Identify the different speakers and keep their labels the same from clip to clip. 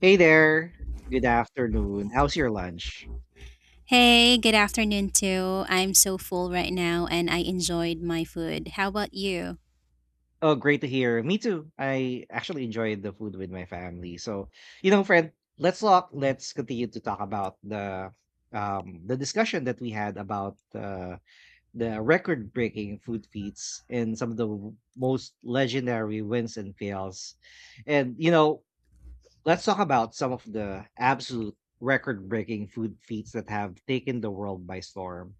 Speaker 1: Hey there. Good afternoon. How's your lunch?
Speaker 2: Hey, good afternoon too. I'm so full right now and I enjoyed my food. How about you?
Speaker 1: Oh, great to hear. Me too. I actually enjoyed the food with my family. So, you know, friend, let's talk. Let's continue to talk about the discussion that we had about the record-breaking food feats and some of the most legendary wins and fails. And you know, let's talk about some of the absolute record-breaking food feats that have taken the world by storm.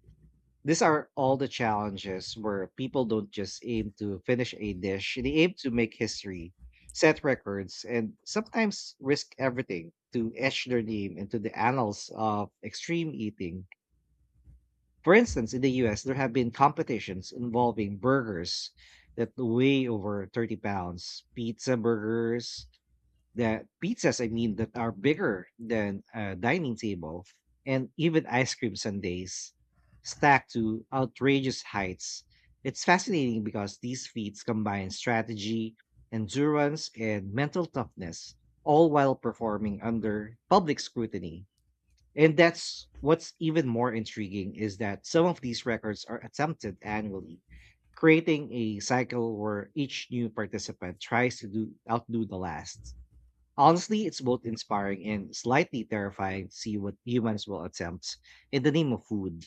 Speaker 1: These are all the challenges where people don't just aim to finish a dish, they aim to make history, set records, and sometimes risk everything to etch their name into the annals of extreme eating. For instance, in the US, there have been competitions involving burgers that weigh over 30 pounds, pizza burgers, the pizzas, I mean, that are bigger than a dining table, and even ice cream sundaes stacked to outrageous heights. It's fascinating because these feats combine strategy, endurance, and mental toughness, all while performing under public scrutiny. And that's what's even more intriguing is that some of these records are attempted annually, creating a cycle where each new participant tries to do outdo the last. Honestly, it's both inspiring and slightly terrifying to see what humans will attempt in the name of food.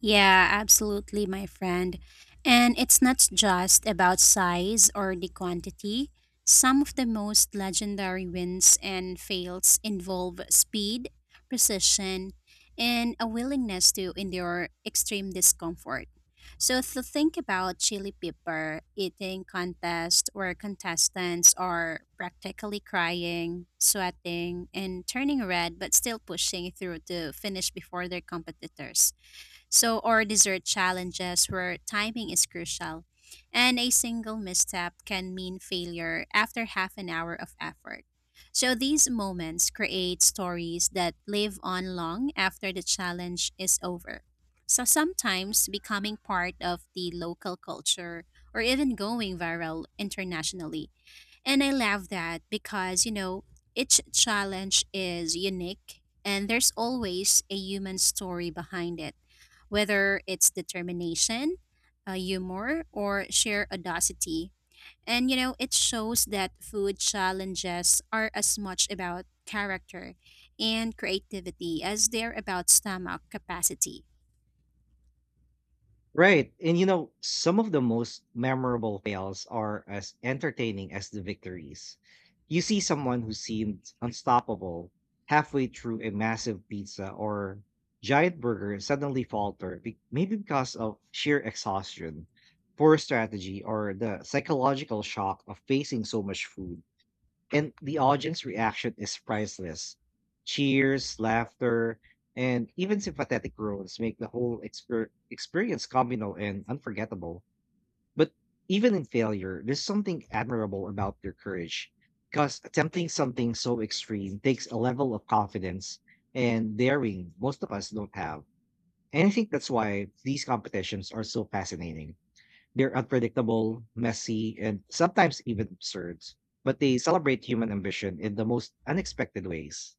Speaker 2: Yeah, absolutely, my friend. And it's not just about size or the quantity. Some of the most legendary wins and fails involve speed, precision, and a willingness to endure extreme discomfort. So, to think about chili pepper eating contest where contestants are practically crying, sweating, and turning red but still pushing through to finish before their competitors. So, or dessert challenges where timing is crucial, and a single misstep can mean failure after half an hour of effort. So, these moments create stories that live on long after the challenge is over. So, sometimes becoming part of the local culture or even going viral internationally. And I love that because, each challenge is unique and there's always a human story behind it, whether it's determination, humor, or sheer audacity. And you know, it shows that food challenges are as much about character and creativity as they're about stomach capacity.
Speaker 1: Right. And you know, some of the most memorable fails are as entertaining as the victories. You see someone who seemed unstoppable halfway through a massive pizza or giant burger suddenly falter, maybe because of sheer exhaustion, poor strategy, or the psychological shock of facing so much food. And the audience reaction is priceless. Cheers, laughter, and even sympathetic groans make the whole experience communal and unforgettable. But even in failure, there's something admirable about their courage because attempting something so extreme takes a level of confidence and daring most of us don't have. And I think that's why these competitions are so fascinating. They're unpredictable, messy, and sometimes even absurd, but they celebrate human ambition in the most unexpected ways.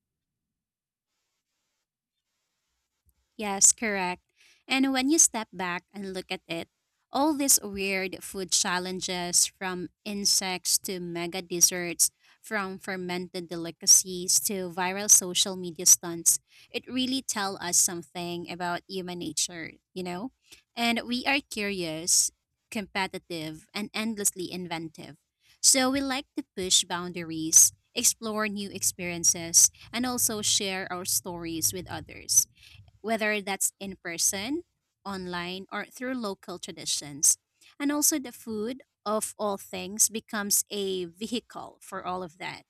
Speaker 2: Yes, correct. And when you step back and look at it, all these weird food challenges from insects to mega desserts, from fermented delicacies to viral social media stunts, it really tell us something about human nature, you know? And we are curious, competitive, and endlessly inventive. So we like to push boundaries, explore new experiences, and also share our stories with others, whether that's in person, online, or through local traditions. And also, the food, of all things, becomes a vehicle for all of that.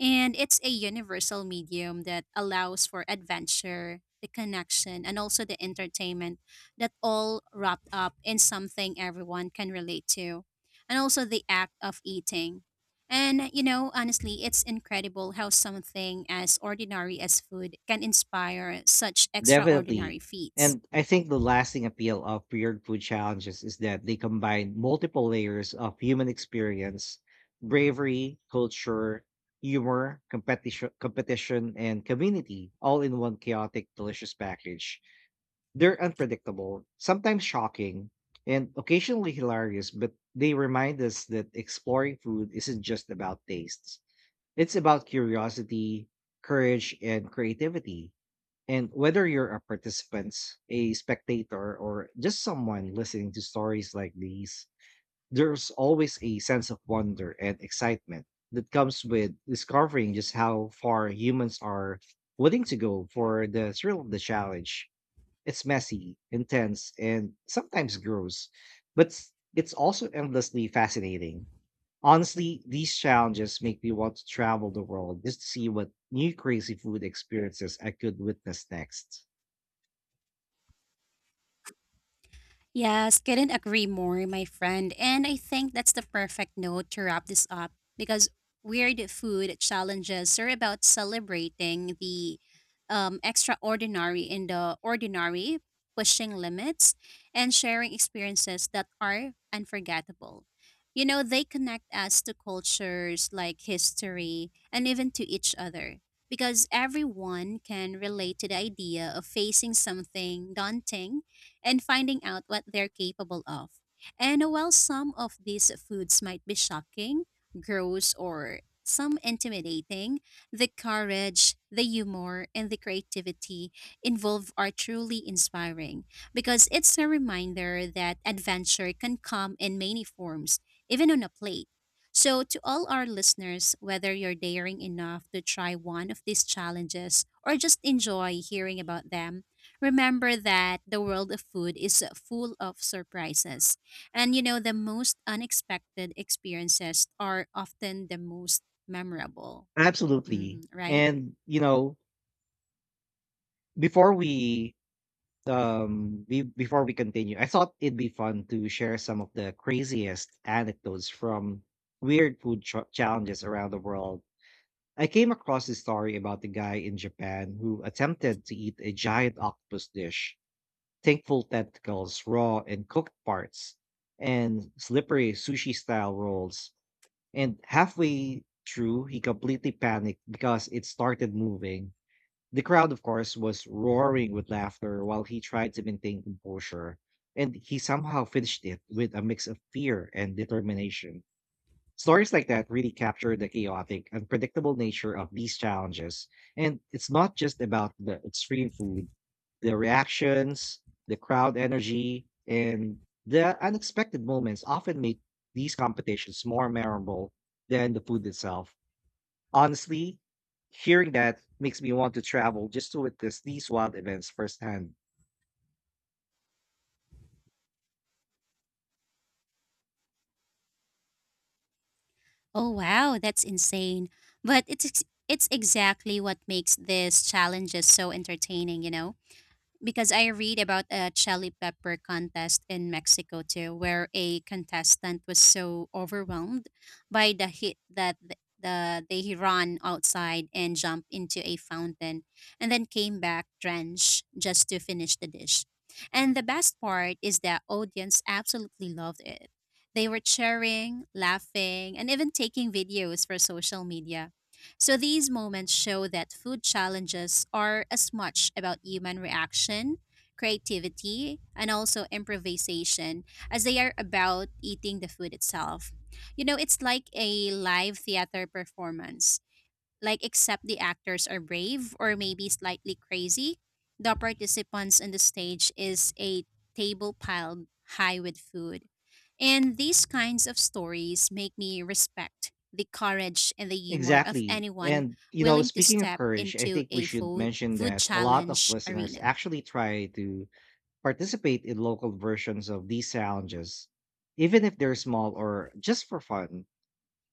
Speaker 2: And it's a universal medium that allows for adventure, the connection, and also the entertainment that all wrapped up in something everyone can relate to. And also the act of eating and, honestly, it's incredible how something as ordinary as food can inspire such
Speaker 1: Definitely.
Speaker 2: extraordinary feats.
Speaker 1: And I think the lasting appeal of weird food challenges is that they combine multiple layers of human experience, bravery, culture, humor, competition, and community all in one chaotic, delicious package. They're unpredictable, sometimes shocking, and occasionally hilarious, but they remind us that exploring food isn't just about tastes. It's about curiosity, courage, and creativity. And whether you're a participant, a spectator, or just someone listening to stories like these, there's always a sense of wonder and excitement that comes with discovering just how far humans are willing to go for the thrill of the challenge. It's messy, intense, and sometimes gross, but it's also endlessly fascinating. Honestly, these challenges make me want to travel the world just to see what new crazy food experiences I could witness next.
Speaker 2: Yes, couldn't agree more, my friend. And I think that's the perfect note to wrap this up because weird food challenges are about celebrating the extraordinary in the ordinary, pushing limits, and sharing experiences that are unforgettable. You know, they connect us to cultures like history and even to each other because everyone can relate to the idea of facing something daunting and finding out what they're capable of. And while some of these foods might be shocking, gross, or some intimidating, the courage, the humor, and the creativity involved are truly inspiring because it's a reminder that adventure can come in many forms, even on a plate. So, to all our listeners, whether you're daring enough to try one of these challenges or just enjoy hearing about them, remember that the world of food is full of surprises. And you know, the most unexpected experiences are often the most memorable, hmm,
Speaker 1: Absolutely.
Speaker 2: right?
Speaker 1: And, you know, before we before we continue, I thought it'd be fun to share some of the craziest anecdotes from weird food challenges around the world. I came across a story about the guy in Japan who attempted to eat a giant octopus dish, thankful tentacles, raw and cooked parts, and slippery sushi style rolls. And halfway through, he completely panicked because it started moving. The crowd, of course, was roaring with laughter while he tried to maintain composure. And he somehow finished it with a mix of fear and determination. Stories like that really capture the chaotic, unpredictable nature of these challenges. And it's not just about the extreme food, the reactions, the crowd energy, and the unexpected moments often make these competitions more memorable than the food itself. Honestly, hearing that makes me want to travel just to witness these wild events firsthand.
Speaker 2: Oh, wow, that's insane. But it's exactly what makes these challenges so entertaining, you know? Because I read about a chili pepper contest in Mexico too, where a contestant was so overwhelmed by the heat that the they ran outside and jumped into a fountain, and then came back drenched just to finish the dish. And the best part is that audience absolutely loved it. They were cheering, laughing, and even taking videos for social media, so these moments show that food challenges are as much about human reaction, creativity, and also improvisation as they are about eating the food itself. You know, it's like a live theater performance, like except the actors are brave or maybe slightly crazy. The participants on the stage is a table piled high with food. And these kinds of stories make me respect the courage and the humor of
Speaker 1: Exactly.
Speaker 2: anyone
Speaker 1: And, you know,
Speaker 2: willing to
Speaker 1: speaking of
Speaker 2: step
Speaker 1: courage, I
Speaker 2: into
Speaker 1: think we
Speaker 2: a
Speaker 1: should
Speaker 2: food
Speaker 1: mention
Speaker 2: food
Speaker 1: that a lot of
Speaker 2: challenge
Speaker 1: listeners
Speaker 2: arena.
Speaker 1: actually try to participate in local versions of these challenges, even if they're small or just for fun.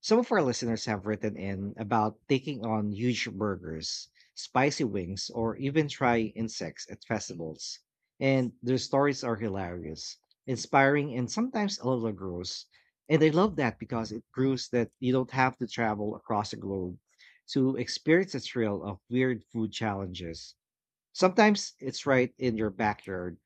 Speaker 1: Some of our listeners have written in about taking on huge burgers, spicy wings, or even try insects at festivals. And their stories are hilarious, inspiring, and sometimes a little gross. And I love that because it proves that you don't have to travel across the globe to experience the thrill of weird food challenges. Sometimes it's right in your backyard,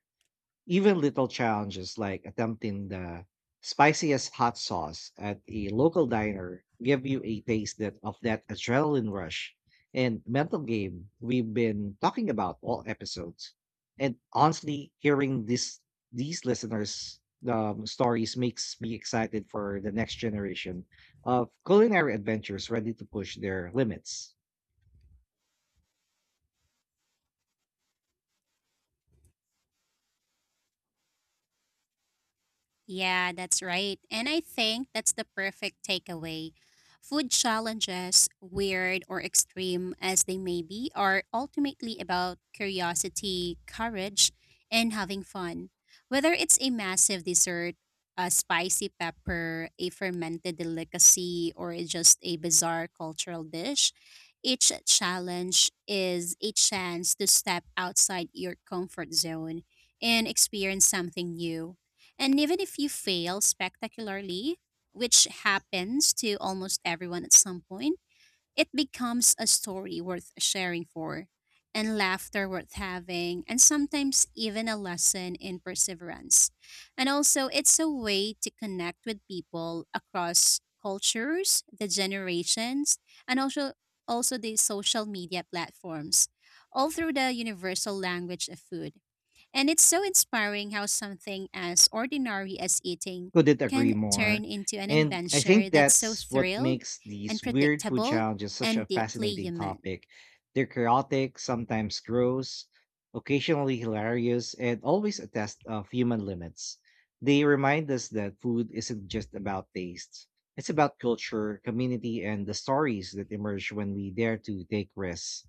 Speaker 1: even little challenges like attempting the spiciest hot sauce at a local diner give you a taste that of that adrenaline rush and mental game we've been talking about all episodes. And honestly, hearing this these listeners' stories makes me excited for the next generation of culinary adventures ready to push their limits.
Speaker 2: Yeah, that's right. And I think that's the perfect takeaway. Food challenges, weird or extreme as they may be, are ultimately about curiosity, courage, and having fun. Whether it's a massive dessert, a spicy pepper, a fermented delicacy, or just a bizarre cultural dish, each challenge is a chance to step outside your comfort zone and experience something new. And even if you fail spectacularly, which happens to almost everyone at some point, it becomes a story worth sharing for, and laughter worth having, and sometimes even a lesson in perseverance. And also, it's a way to connect with people across cultures, the generations, and also the social media platforms, all through the universal language of food. And it's so inspiring how something as ordinary as eating
Speaker 1: Couldn't agree
Speaker 2: can turn
Speaker 1: more.
Speaker 2: into an
Speaker 1: And I
Speaker 2: adventure
Speaker 1: think
Speaker 2: that's so
Speaker 1: that's what
Speaker 2: thrilled,
Speaker 1: makes these weird food
Speaker 2: unpredictable,
Speaker 1: challenges such a
Speaker 2: and deeply
Speaker 1: fascinating
Speaker 2: human.
Speaker 1: topic. They're chaotic, sometimes gross, occasionally hilarious, and always a test of human limits. They remind us that food isn't just about taste, it's about culture, community, and the stories that emerge when we dare to take risks.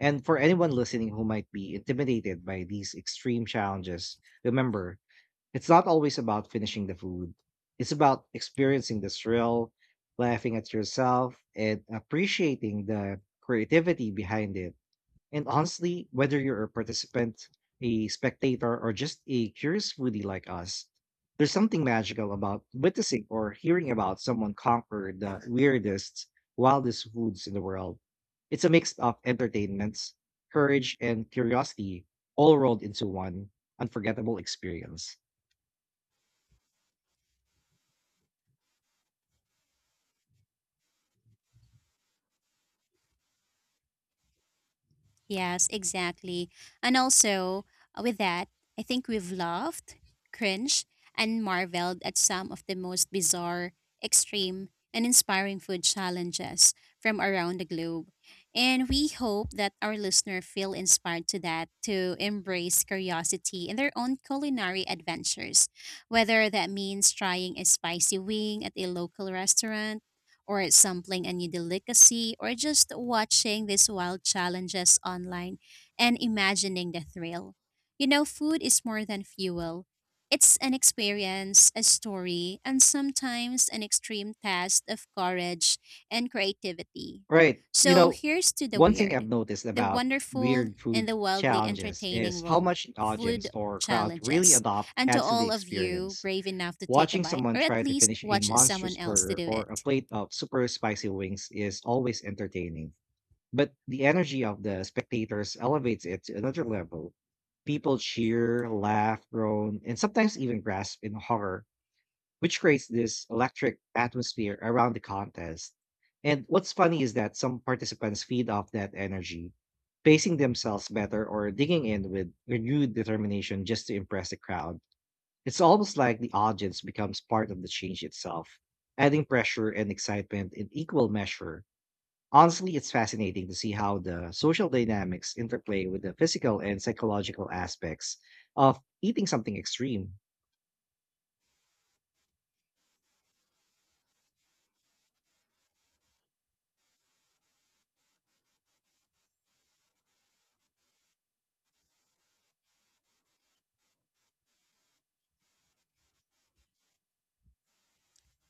Speaker 1: And for anyone listening who might be intimidated by these extreme challenges, remember, it's not always about finishing the food. It's about experiencing the thrill, laughing at yourself, and appreciating the creativity behind it. And honestly, whether you're a participant, a spectator, or just a curious foodie like us, there's something magical about witnessing or hearing about someone conquer the weirdest, wildest foods in the world. It's a mix of entertainments, courage, and curiosity all rolled into one unforgettable experience.
Speaker 2: Yes, exactly. And also, with that, I think we've laughed, cringed, and marveled at some of the most bizarre, extreme, and inspiring food challenges from around the globe. And we hope that our listener feel inspired to that to embrace curiosity in their own culinary adventures, whether that means trying a spicy wing at a local restaurant or sampling a new delicacy, or just watching these wild challenges online and imagining the thrill. You know, food is more than fuel. It's an experience, a story, and sometimes an extreme test of courage and creativity.
Speaker 1: Right. You
Speaker 2: So
Speaker 1: know,
Speaker 2: here's to the
Speaker 1: one thing I've
Speaker 2: weird,
Speaker 1: noticed
Speaker 2: the
Speaker 1: about
Speaker 2: wonderful,
Speaker 1: weird
Speaker 2: and
Speaker 1: food
Speaker 2: the wildly
Speaker 1: challenges
Speaker 2: entertaining
Speaker 1: is how
Speaker 2: world
Speaker 1: much the audience
Speaker 2: food
Speaker 1: or crowd really
Speaker 2: challenges.
Speaker 1: adopt
Speaker 2: And to
Speaker 1: adds to the
Speaker 2: all of you
Speaker 1: experience.
Speaker 2: brave enough to take a
Speaker 1: Watching
Speaker 2: bite
Speaker 1: someone
Speaker 2: or at
Speaker 1: try to
Speaker 2: least
Speaker 1: finish a
Speaker 2: watch someone
Speaker 1: monstrous
Speaker 2: else to
Speaker 1: burger
Speaker 2: do
Speaker 1: or a
Speaker 2: it.
Speaker 1: plate of super spicy wings is always entertaining. But the energy of the spectators elevates it to another level. People cheer, laugh, groan, and sometimes even gasp in horror, which creates this electric atmosphere around the contest. And what's funny is that some participants feed off that energy, pacing themselves better or digging in with renewed determination just to impress the crowd. It's almost like the audience becomes part of the change itself, adding pressure and excitement in equal measure. Honestly, it's fascinating to see how the social dynamics interplay with the physical and psychological aspects of eating something extreme.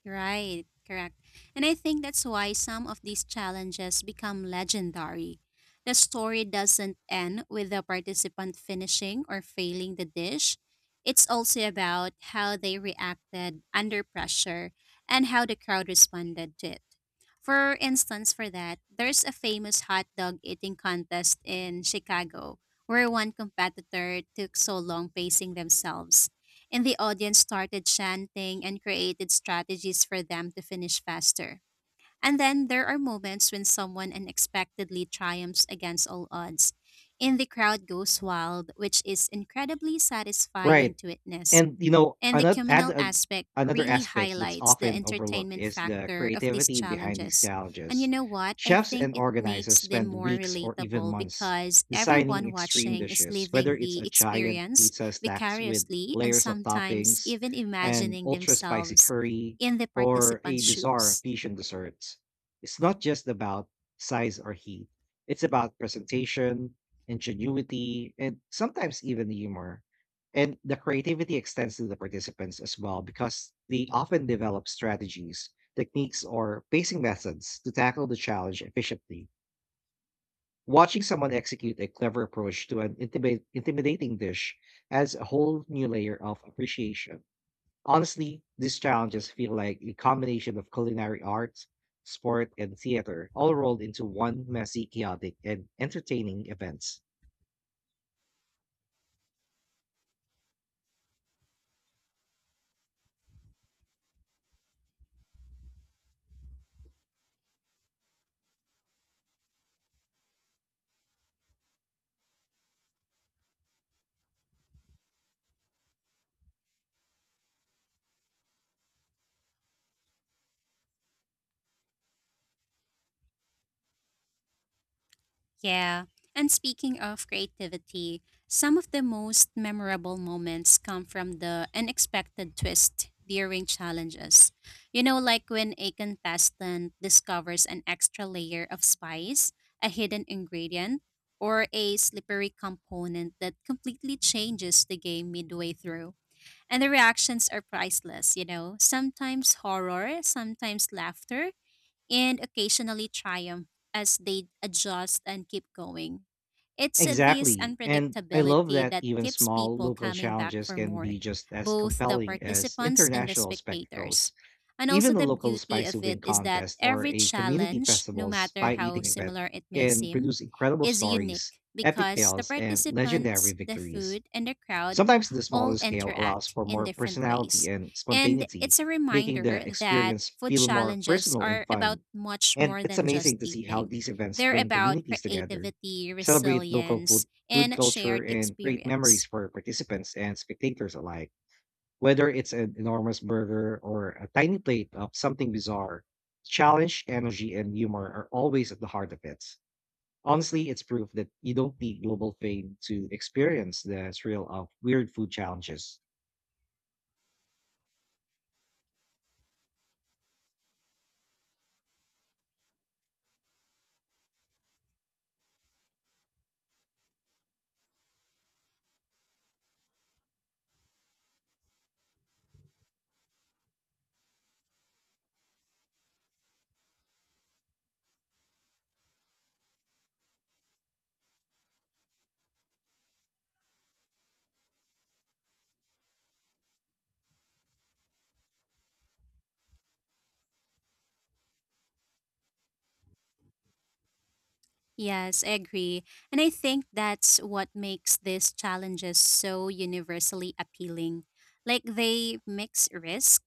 Speaker 2: Right, correct. And I think that's why some of these challenges become legendary. The story doesn't end with the participant finishing or failing the dish. It's also about how they reacted under pressure and how the crowd responded to it. For instance, for that, there's a famous hot dog eating contest in Chicago where one competitor took so long pacing themselves, and the audience started chanting and created strategies for them to finish faster. And then there are moments when someone unexpectedly triumphs against all odds, and the crowd goes wild, which is incredibly satisfying
Speaker 1: Right.
Speaker 2: to witness.
Speaker 1: And you know,
Speaker 2: And the communal aspect
Speaker 1: another
Speaker 2: really
Speaker 1: aspect that's
Speaker 2: highlights the
Speaker 1: often overlooked
Speaker 2: entertainment
Speaker 1: is the
Speaker 2: factor of these
Speaker 1: creativity behind these
Speaker 2: challenges. And you
Speaker 1: challenges.
Speaker 2: know what? I
Speaker 1: Chefs
Speaker 2: think
Speaker 1: and
Speaker 2: it makes
Speaker 1: organizers
Speaker 2: them
Speaker 1: spend
Speaker 2: more
Speaker 1: weeks or even
Speaker 2: relatable
Speaker 1: months
Speaker 2: because
Speaker 1: designing
Speaker 2: everyone
Speaker 1: extreme
Speaker 2: watching is
Speaker 1: dishes, whether
Speaker 2: living
Speaker 1: it's
Speaker 2: the
Speaker 1: a giant
Speaker 2: experience
Speaker 1: pizza stacked with
Speaker 2: vicariously and
Speaker 1: layers of
Speaker 2: sometimes
Speaker 1: toppings,
Speaker 2: even
Speaker 1: an
Speaker 2: imagining
Speaker 1: ultra spicy
Speaker 2: themselves
Speaker 1: curry,
Speaker 2: in the
Speaker 1: or a
Speaker 2: participants'
Speaker 1: bizarre
Speaker 2: shoes.
Speaker 1: fusion dessert. It's not just about size or heat. It's about presentation, ingenuity, and sometimes even humor, and the creativity extends to the participants as well because they often develop strategies, techniques, or pacing methods to tackle the challenge efficiently. Watching someone execute a clever approach to an intimidating dish adds a whole new layer of appreciation. Honestly, these challenges feel like a combination of culinary art, sport, and theater, all rolled into one messy, chaotic, and entertaining event.
Speaker 2: Yeah. And speaking of creativity, some of the most memorable moments come from the unexpected twist during challenges. You know, like when a contestant discovers an extra layer of spice, a hidden ingredient, or a slippery component that completely changes the game midway through. And the reactions are priceless, you know, sometimes horror, sometimes laughter, and occasionally triumph as they adjust and keep going. It's this
Speaker 1: Exactly. And I love
Speaker 2: unpredictability
Speaker 1: that
Speaker 2: that
Speaker 1: even
Speaker 2: keeps
Speaker 1: small
Speaker 2: people
Speaker 1: local
Speaker 2: coming back
Speaker 1: challenges
Speaker 2: for
Speaker 1: can
Speaker 2: more,
Speaker 1: be just as
Speaker 2: both the
Speaker 1: compelling as
Speaker 2: participants and the
Speaker 1: international
Speaker 2: spectators.
Speaker 1: spectacles.
Speaker 2: And
Speaker 1: Even
Speaker 2: also,
Speaker 1: a
Speaker 2: the
Speaker 1: local
Speaker 2: beauty
Speaker 1: spicy
Speaker 2: of
Speaker 1: wing
Speaker 2: it is that
Speaker 1: contest or
Speaker 2: every
Speaker 1: a community
Speaker 2: challenge, no
Speaker 1: festival's
Speaker 2: matter
Speaker 1: pie
Speaker 2: how
Speaker 1: eating event
Speaker 2: similar it may
Speaker 1: can
Speaker 2: seem,
Speaker 1: produce incredible
Speaker 2: is
Speaker 1: stories,
Speaker 2: unique
Speaker 1: epic
Speaker 2: because the
Speaker 1: fails, and legendary
Speaker 2: participants, the
Speaker 1: victories.
Speaker 2: food, and the crowd
Speaker 1: Sometimes the smaller
Speaker 2: all
Speaker 1: scale allows
Speaker 2: interact
Speaker 1: for
Speaker 2: in
Speaker 1: more
Speaker 2: different
Speaker 1: personality
Speaker 2: ways.
Speaker 1: and
Speaker 2: And
Speaker 1: spontaneity,
Speaker 2: it's a
Speaker 1: making the
Speaker 2: reminder that
Speaker 1: experience
Speaker 2: food
Speaker 1: feel more
Speaker 2: challenges
Speaker 1: personal and
Speaker 2: are about
Speaker 1: fun.
Speaker 2: much
Speaker 1: And
Speaker 2: more
Speaker 1: it's
Speaker 2: than just
Speaker 1: amazing to see how
Speaker 2: eating.
Speaker 1: these events
Speaker 2: They're
Speaker 1: bring
Speaker 2: about
Speaker 1: communities together,
Speaker 2: creativity,
Speaker 1: celebrate
Speaker 2: resilience,
Speaker 1: food
Speaker 2: and
Speaker 1: culture,
Speaker 2: shared
Speaker 1: and create memories
Speaker 2: experience.
Speaker 1: for participants and spectators alike. Whether it's an enormous burger or a tiny plate of something bizarre, challenge, energy, and humor are always at the heart of it. Honestly, it's proof that you don't need global fame to experience the thrill of weird food challenges.
Speaker 2: Yes, I agree. And I think that's what makes these challenges so universally appealing. Like they mix risk,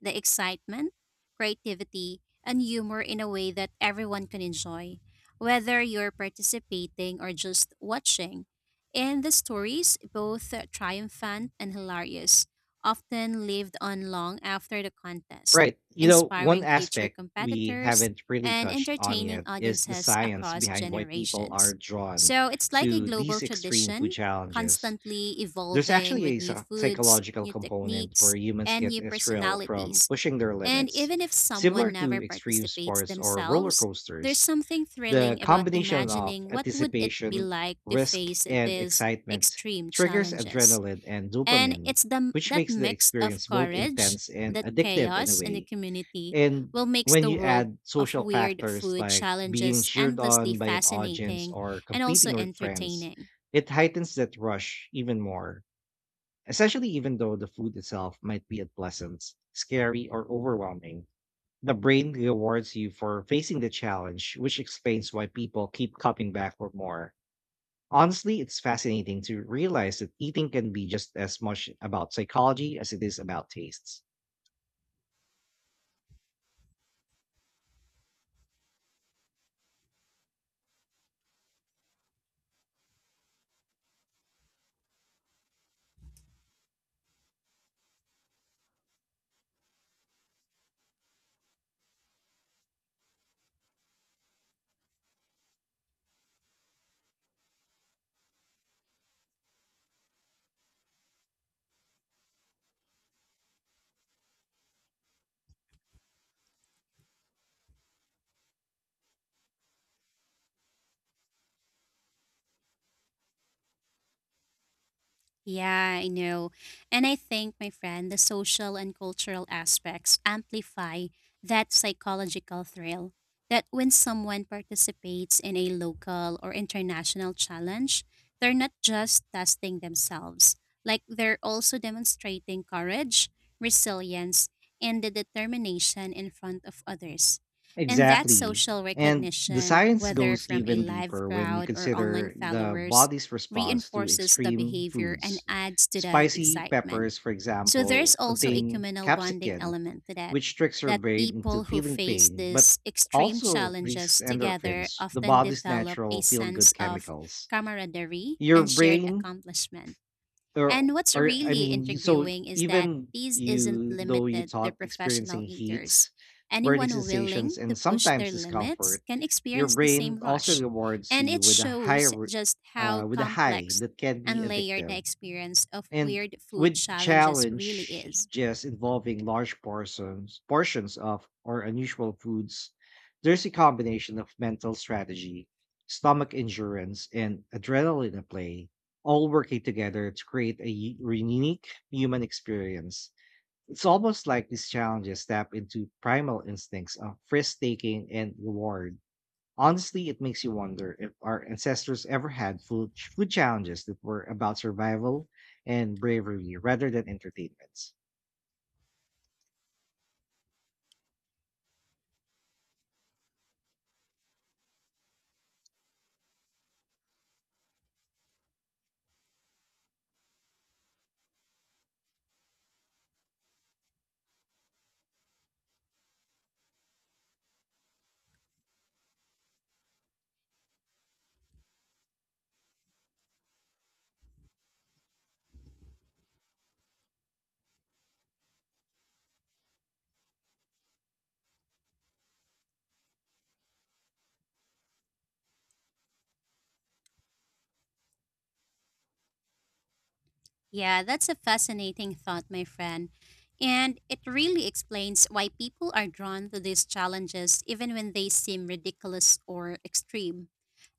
Speaker 2: the excitement, creativity, and humor in a way that everyone can enjoy, whether you're participating or just watching. And the stories, both triumphant and hilarious, often lived on long after the contest,
Speaker 1: Right. You know, one
Speaker 2: inspiring future
Speaker 1: aspect we
Speaker 2: competitors
Speaker 1: haven't really
Speaker 2: and
Speaker 1: touched on
Speaker 2: entertaining
Speaker 1: yet is the
Speaker 2: audiences
Speaker 1: science
Speaker 2: across
Speaker 1: behind why people are
Speaker 2: generations.
Speaker 1: drawn
Speaker 2: So it's like a
Speaker 1: to
Speaker 2: global
Speaker 1: these extreme food
Speaker 2: tradition,
Speaker 1: challenges.
Speaker 2: constantly
Speaker 1: There's
Speaker 2: evolving
Speaker 1: actually
Speaker 2: with
Speaker 1: a
Speaker 2: new foods,
Speaker 1: psychological
Speaker 2: new
Speaker 1: component where
Speaker 2: techniques,
Speaker 1: humans
Speaker 2: and
Speaker 1: get
Speaker 2: new
Speaker 1: a thrill from
Speaker 2: personalities.
Speaker 1: pushing their
Speaker 2: And
Speaker 1: limits,
Speaker 2: even if
Speaker 1: similar
Speaker 2: someone never
Speaker 1: to extreme
Speaker 2: participates
Speaker 1: sports or roller
Speaker 2: themselves, there's
Speaker 1: coasters.
Speaker 2: something
Speaker 1: The
Speaker 2: thrilling about
Speaker 1: combination of
Speaker 2: imagining what would it be
Speaker 1: anticipation,
Speaker 2: like to
Speaker 1: risk,
Speaker 2: face
Speaker 1: and
Speaker 2: these
Speaker 1: excitement
Speaker 2: extreme
Speaker 1: triggers
Speaker 2: challenges.
Speaker 1: adrenaline and
Speaker 2: And
Speaker 1: dopamine,
Speaker 2: it's the,
Speaker 1: which
Speaker 2: that
Speaker 1: makes the
Speaker 2: mix of
Speaker 1: experience both
Speaker 2: courage,
Speaker 1: intense and
Speaker 2: that
Speaker 1: addictive in a
Speaker 2: chaos, and the
Speaker 1: way.
Speaker 2: community
Speaker 1: And
Speaker 2: will makes
Speaker 1: when
Speaker 2: the
Speaker 1: you
Speaker 2: world
Speaker 1: add
Speaker 2: of
Speaker 1: social
Speaker 2: weird
Speaker 1: factors
Speaker 2: food
Speaker 1: like being
Speaker 2: challenges
Speaker 1: cheered
Speaker 2: endlessly
Speaker 1: on by an audience
Speaker 2: fascinating
Speaker 1: or
Speaker 2: and also
Speaker 1: competing with friends,
Speaker 2: entertaining.
Speaker 1: it heightens that rush even more, especially even though the food itself might be unpleasant, scary, or overwhelming. The brain rewards you for facing the challenge, which explains why people keep coming back for more. Honestly, it's fascinating to realize that eating can be just as much about psychology as it is about tastes.
Speaker 2: Yeah, I know. And I think, my friend, the social and cultural aspects amplify that psychological thrill. That when someone participates in a local or international challenge, they're not just testing themselves, like they're also demonstrating courage, resilience, and the determination in front of others. And that
Speaker 1: Exactly.
Speaker 2: social
Speaker 1: And the
Speaker 2: recognition,
Speaker 1: science
Speaker 2: whether
Speaker 1: goes
Speaker 2: from a
Speaker 1: even
Speaker 2: live
Speaker 1: deeper when you
Speaker 2: crowd or online
Speaker 1: consider the
Speaker 2: followers,
Speaker 1: body's response to
Speaker 2: reinforces the
Speaker 1: extreme
Speaker 2: behavior and
Speaker 1: foods.
Speaker 2: adds to the
Speaker 1: Spicy
Speaker 2: excitement.
Speaker 1: peppers, for
Speaker 2: So there's
Speaker 1: example,
Speaker 2: also a
Speaker 1: contain
Speaker 2: communal bonding
Speaker 1: capsicum,
Speaker 2: element to that.
Speaker 1: which tricks your
Speaker 2: That
Speaker 1: brain into
Speaker 2: people who
Speaker 1: feeling
Speaker 2: face
Speaker 1: pain, but
Speaker 2: these extreme
Speaker 1: also releases
Speaker 2: challenges together
Speaker 1: endorphins, the
Speaker 2: often
Speaker 1: body's
Speaker 2: develop a
Speaker 1: natural feel good
Speaker 2: sense of
Speaker 1: chemicals.
Speaker 2: camaraderie
Speaker 1: Your
Speaker 2: and shared
Speaker 1: brain
Speaker 2: accomplishment.
Speaker 1: or
Speaker 2: And what's
Speaker 1: or
Speaker 2: really intriguing is that
Speaker 1: even
Speaker 2: these isn't
Speaker 1: you though you
Speaker 2: limited to
Speaker 1: thought
Speaker 2: professional
Speaker 1: experiencing
Speaker 2: eaters.
Speaker 1: heats, burning
Speaker 2: Anyone
Speaker 1: sensations,
Speaker 2: willing
Speaker 1: and
Speaker 2: to push
Speaker 1: sometimes
Speaker 2: their
Speaker 1: discomfort,
Speaker 2: limits can
Speaker 1: your
Speaker 2: experience the
Speaker 1: brain
Speaker 2: same
Speaker 1: also
Speaker 2: rush.
Speaker 1: rewards
Speaker 2: And
Speaker 1: you
Speaker 2: it
Speaker 1: with a
Speaker 2: shows just how
Speaker 1: with a high
Speaker 2: complex
Speaker 1: that can be
Speaker 2: and layered the
Speaker 1: addictive
Speaker 2: experience of
Speaker 1: and
Speaker 2: weird food
Speaker 1: with
Speaker 2: challenges really
Speaker 1: challenge
Speaker 2: is.
Speaker 1: just involving large portions of or unusual foods. There's a combination of mental strategy, stomach endurance, and adrenaline at play, all working together to create a unique human experience. It's almost like these challenges tap into primal instincts of risk taking and reward. Honestly, it makes you wonder if our ancestors ever had food challenges that were about survival and bravery rather than entertainments.
Speaker 2: Yeah, that's a fascinating thought, my friend. And it really explains why people are drawn to these challenges even when they seem ridiculous or extreme.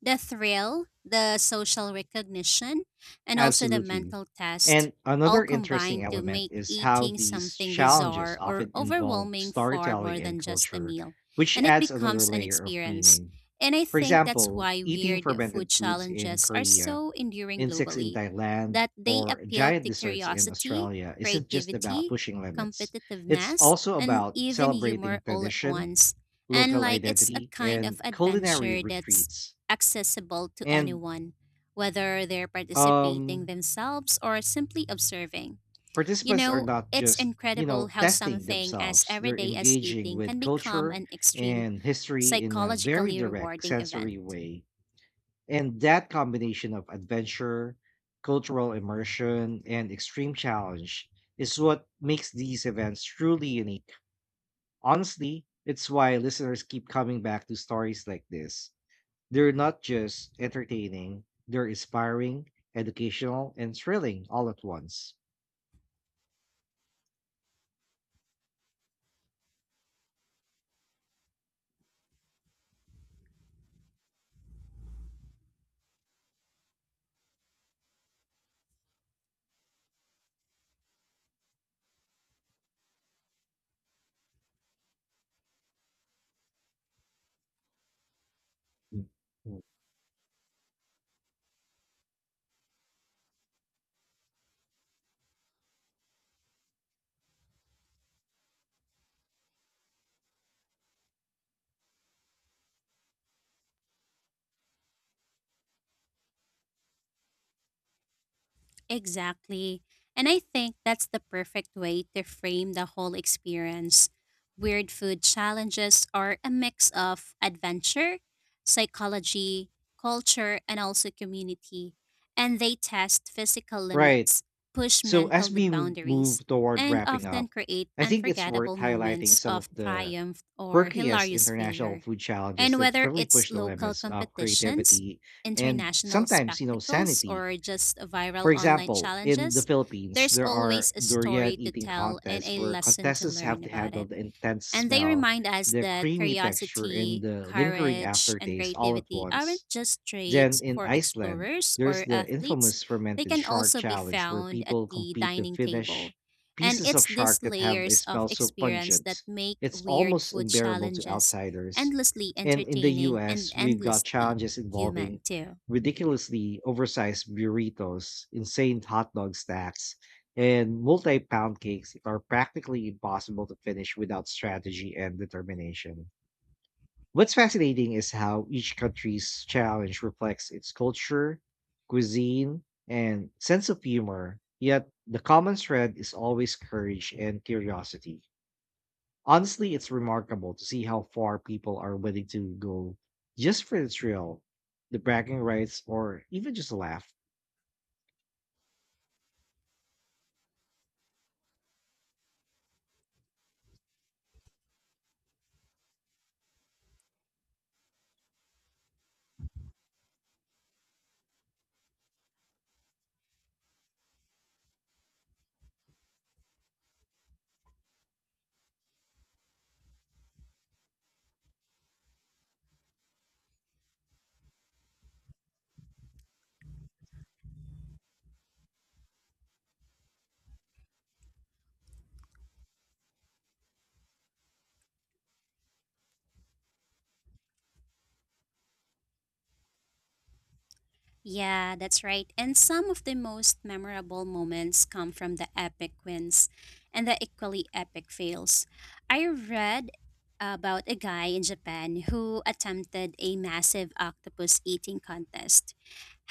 Speaker 2: The thrill, the social recognition, and also the
Speaker 1: Absolutely.
Speaker 2: mental test
Speaker 1: And
Speaker 2: all
Speaker 1: another interesting
Speaker 2: combine to
Speaker 1: element
Speaker 2: make
Speaker 1: is how
Speaker 2: eating
Speaker 1: these
Speaker 2: something
Speaker 1: challenges
Speaker 2: bizarre or
Speaker 1: often involve
Speaker 2: overwhelming far
Speaker 1: storytelling
Speaker 2: more
Speaker 1: and
Speaker 2: than just a
Speaker 1: culture,
Speaker 2: meal.
Speaker 1: which
Speaker 2: And it
Speaker 1: adds another
Speaker 2: becomes an
Speaker 1: layer of
Speaker 2: experience.
Speaker 1: meaning.
Speaker 2: And I
Speaker 1: For
Speaker 2: think that's
Speaker 1: example,
Speaker 2: why
Speaker 1: eating
Speaker 2: weird food
Speaker 1: fermented foods in
Speaker 2: challenges are
Speaker 1: Korea,
Speaker 2: so enduring
Speaker 1: insects in
Speaker 2: globally,
Speaker 1: Thailand,
Speaker 2: that they
Speaker 1: or
Speaker 2: appeal
Speaker 1: giant
Speaker 2: to
Speaker 1: deserts in
Speaker 2: curiosity,
Speaker 1: Australia isn't just about
Speaker 2: creativity,
Speaker 1: pushing limits. It's
Speaker 2: competitiveness,
Speaker 1: also
Speaker 2: and
Speaker 1: about
Speaker 2: even
Speaker 1: celebrating
Speaker 2: humor all at
Speaker 1: tradition,
Speaker 2: once. And
Speaker 1: local
Speaker 2: like it's a
Speaker 1: identity,
Speaker 2: kind
Speaker 1: and
Speaker 2: of
Speaker 1: culinary
Speaker 2: adventure that's
Speaker 1: retreats.
Speaker 2: accessible to
Speaker 1: And
Speaker 2: anyone, whether they're participating
Speaker 1: um,
Speaker 2: themselves or simply observing. You
Speaker 1: participants are
Speaker 2: know,
Speaker 1: not
Speaker 2: it's
Speaker 1: just, you know,
Speaker 2: incredible how
Speaker 1: testing
Speaker 2: something as
Speaker 1: themselves, they're
Speaker 2: everyday as
Speaker 1: engaging
Speaker 2: eating
Speaker 1: with
Speaker 2: can become
Speaker 1: culture
Speaker 2: an extreme
Speaker 1: and history in a very
Speaker 2: psychologically
Speaker 1: direct
Speaker 2: rewarding event.
Speaker 1: sensory way. And that combination of adventure, cultural immersion, and extreme challenge is what makes these events truly unique. Honestly, it's why listeners keep coming back to stories like this. They're not just entertaining, they're inspiring, educational, and thrilling all at once. Mm.
Speaker 2: Exactly. And I think that's the perfect way to frame the whole experience. Weird food challenges are a mix of adventure, psychology, culture, and also community. And they test physical
Speaker 1: Right.
Speaker 2: limits, push
Speaker 1: So,
Speaker 2: mental
Speaker 1: as
Speaker 2: the
Speaker 1: we
Speaker 2: boundaries,
Speaker 1: move toward
Speaker 2: and
Speaker 1: wrapping
Speaker 2: often
Speaker 1: up,
Speaker 2: create
Speaker 1: I think it's worth
Speaker 2: unforgettable
Speaker 1: highlighting
Speaker 2: moments
Speaker 1: some of
Speaker 2: of
Speaker 1: the
Speaker 2: triumph or
Speaker 1: quirkiest
Speaker 2: hilarious
Speaker 1: international
Speaker 2: failure.
Speaker 1: food challenges
Speaker 2: And
Speaker 1: that
Speaker 2: whether
Speaker 1: really
Speaker 2: it's
Speaker 1: push the
Speaker 2: local
Speaker 1: limits of
Speaker 2: competitions,
Speaker 1: creativity and,
Speaker 2: international
Speaker 1: sometimes, you know,
Speaker 2: spectacles,
Speaker 1: sanity.
Speaker 2: or just
Speaker 1: For
Speaker 2: viral online
Speaker 1: example, in the
Speaker 2: challenges,
Speaker 1: Philippines,
Speaker 2: there's
Speaker 1: there are
Speaker 2: always a
Speaker 1: durian
Speaker 2: story to
Speaker 1: eating
Speaker 2: tell and
Speaker 1: contests
Speaker 2: a
Speaker 1: where
Speaker 2: lesson to
Speaker 1: contestants have
Speaker 2: learn
Speaker 1: to
Speaker 2: about
Speaker 1: handle
Speaker 2: it.
Speaker 1: the intense
Speaker 2: And they
Speaker 1: smell,
Speaker 2: remind us
Speaker 1: the
Speaker 2: that
Speaker 1: creamy texture, and
Speaker 2: curiosity,
Speaker 1: the lingering
Speaker 2: courage, and
Speaker 1: aftertaste all at
Speaker 2: creativity
Speaker 1: once.
Speaker 2: aren't just
Speaker 1: Then
Speaker 2: traits
Speaker 1: in
Speaker 2: for
Speaker 1: Iceland,
Speaker 2: explorers
Speaker 1: there's
Speaker 2: or
Speaker 1: the
Speaker 2: athletes,
Speaker 1: infamous
Speaker 2: they
Speaker 1: fermented
Speaker 2: can
Speaker 1: shark
Speaker 2: also be
Speaker 1: challenge where
Speaker 2: found at
Speaker 1: people
Speaker 2: the
Speaker 1: compete to
Speaker 2: dining
Speaker 1: finish
Speaker 2: table. And
Speaker 1: pieces of
Speaker 2: it's
Speaker 1: shark
Speaker 2: these
Speaker 1: that have a
Speaker 2: layers of
Speaker 1: smell so
Speaker 2: experience
Speaker 1: pungent,
Speaker 2: that make
Speaker 1: it's
Speaker 2: weird
Speaker 1: almost
Speaker 2: food
Speaker 1: unbearable to
Speaker 2: challenges
Speaker 1: outsiders.
Speaker 2: endlessly
Speaker 1: And in the
Speaker 2: entertaining and
Speaker 1: US, we've got
Speaker 2: endlessly
Speaker 1: challenges
Speaker 2: human,
Speaker 1: involving
Speaker 2: too.
Speaker 1: ridiculously oversized burritos, insane hot dog stacks, and multi pound cakes that are practically impossible to finish without strategy and determination. What's fascinating is how each country's challenge reflects its culture, cuisine, and sense of humor, yet the common thread is always courage and curiosity. Honestly, it's remarkable to see how far people are willing to go just for the thrill, the bragging rights, or even just a laugh.
Speaker 2: Yeah, that's right. And some of the most memorable moments come from the epic wins and the equally epic fails. I read about a guy in Japan who attempted a massive octopus eating contest.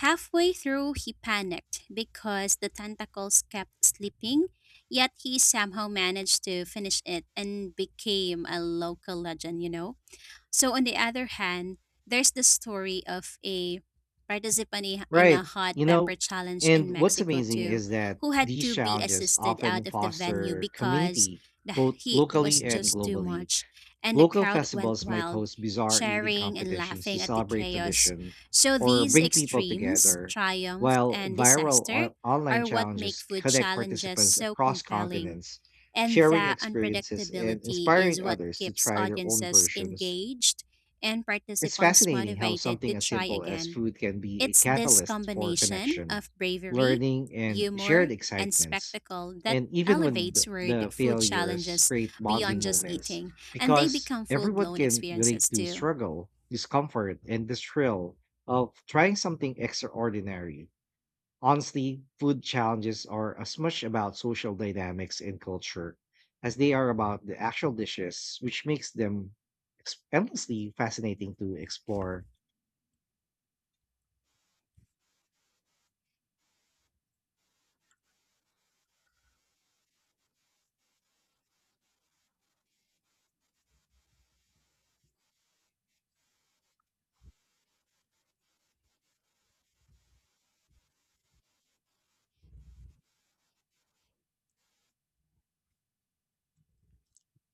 Speaker 2: Halfway through, he panicked because the tentacles kept slipping, yet he somehow managed to finish it and became a local legend, you know? So on the other hand, there's the story of a participant in a
Speaker 1: Right.
Speaker 2: hot
Speaker 1: You
Speaker 2: pepper
Speaker 1: know,
Speaker 2: challenge
Speaker 1: and
Speaker 2: in
Speaker 1: what's
Speaker 2: Mexico
Speaker 1: amazing
Speaker 2: too,
Speaker 1: is that
Speaker 2: who had
Speaker 1: these
Speaker 2: to be
Speaker 1: challenges
Speaker 2: assisted
Speaker 1: often
Speaker 2: out of the venue
Speaker 1: foster
Speaker 2: because
Speaker 1: community,
Speaker 2: the
Speaker 1: both
Speaker 2: heat was
Speaker 1: locally and
Speaker 2: just too
Speaker 1: globally.
Speaker 2: much, and the
Speaker 1: Local
Speaker 2: crowd went
Speaker 1: festivals might
Speaker 2: wild,
Speaker 1: host bizarre eating
Speaker 2: cheering and
Speaker 1: competitions to
Speaker 2: laughing at the
Speaker 1: celebrate
Speaker 2: chaos.
Speaker 1: tradition
Speaker 2: So
Speaker 1: or
Speaker 2: these
Speaker 1: bring people
Speaker 2: extremes,
Speaker 1: together,
Speaker 2: triumph
Speaker 1: while
Speaker 2: and
Speaker 1: viral
Speaker 2: disaster,
Speaker 1: online
Speaker 2: are what make
Speaker 1: challenges
Speaker 2: food
Speaker 1: connect
Speaker 2: challenges
Speaker 1: participants
Speaker 2: so
Speaker 1: across
Speaker 2: compelling.
Speaker 1: continents,
Speaker 2: And
Speaker 1: sharing
Speaker 2: that
Speaker 1: experiences and
Speaker 2: unpredictability
Speaker 1: inspiring
Speaker 2: is what
Speaker 1: others to
Speaker 2: keeps
Speaker 1: try their own
Speaker 2: audiences
Speaker 1: versions.
Speaker 2: engaged and
Speaker 1: It's
Speaker 2: participants
Speaker 1: fascinating how
Speaker 2: motivated
Speaker 1: something
Speaker 2: to
Speaker 1: as
Speaker 2: try
Speaker 1: simple as
Speaker 2: again.
Speaker 1: food can be a
Speaker 2: It's this
Speaker 1: catalyst for
Speaker 2: combination
Speaker 1: connection,
Speaker 2: of bravery,
Speaker 1: learning, and
Speaker 2: humor,
Speaker 1: shared
Speaker 2: and
Speaker 1: excitements.
Speaker 2: spectacle that
Speaker 1: And even when
Speaker 2: elevates
Speaker 1: the,
Speaker 2: word
Speaker 1: the
Speaker 2: food
Speaker 1: failures
Speaker 2: challenges
Speaker 1: create
Speaker 2: beyond
Speaker 1: bonding
Speaker 2: just
Speaker 1: moments,
Speaker 2: eating, and they
Speaker 1: because
Speaker 2: become full
Speaker 1: everyone
Speaker 2: blown
Speaker 1: can
Speaker 2: experiences
Speaker 1: relate to
Speaker 2: too.
Speaker 1: struggle, discomfort, and the thrill of trying something extraordinary. Honestly, food challenges are as much about social dynamics and culture as they are about the actual dishes, which makes them endlessly fascinating to explore.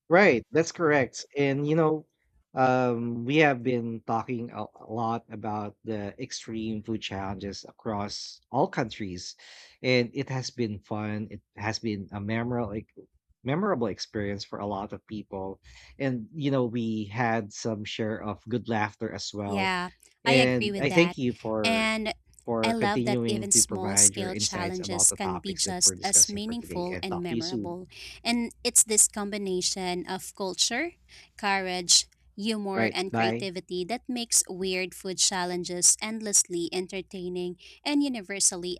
Speaker 1: Right, that's correct. And you know, we have been talking a lot about the extreme food challenges across all countries, and it has been fun. It has been a memorable, like, memorable experience for a lot of people, and you know, we had some share of good laughter as well,
Speaker 2: Yeah, I agree
Speaker 1: and
Speaker 2: with
Speaker 1: I thank
Speaker 2: that.
Speaker 1: you for
Speaker 2: And I love that
Speaker 1: continuing
Speaker 2: even
Speaker 1: to
Speaker 2: small
Speaker 1: provide your
Speaker 2: scale
Speaker 1: insights about
Speaker 2: challenges
Speaker 1: the
Speaker 2: can be
Speaker 1: topics that we're
Speaker 2: just as
Speaker 1: discussing for today,
Speaker 2: meaningful
Speaker 1: and
Speaker 2: and
Speaker 1: talk to you soon.
Speaker 2: memorable. And it's this combination of culture, courage, humor,
Speaker 1: Right,
Speaker 2: and
Speaker 1: bye.
Speaker 2: creativity that makes weird food challenges endlessly entertaining and universally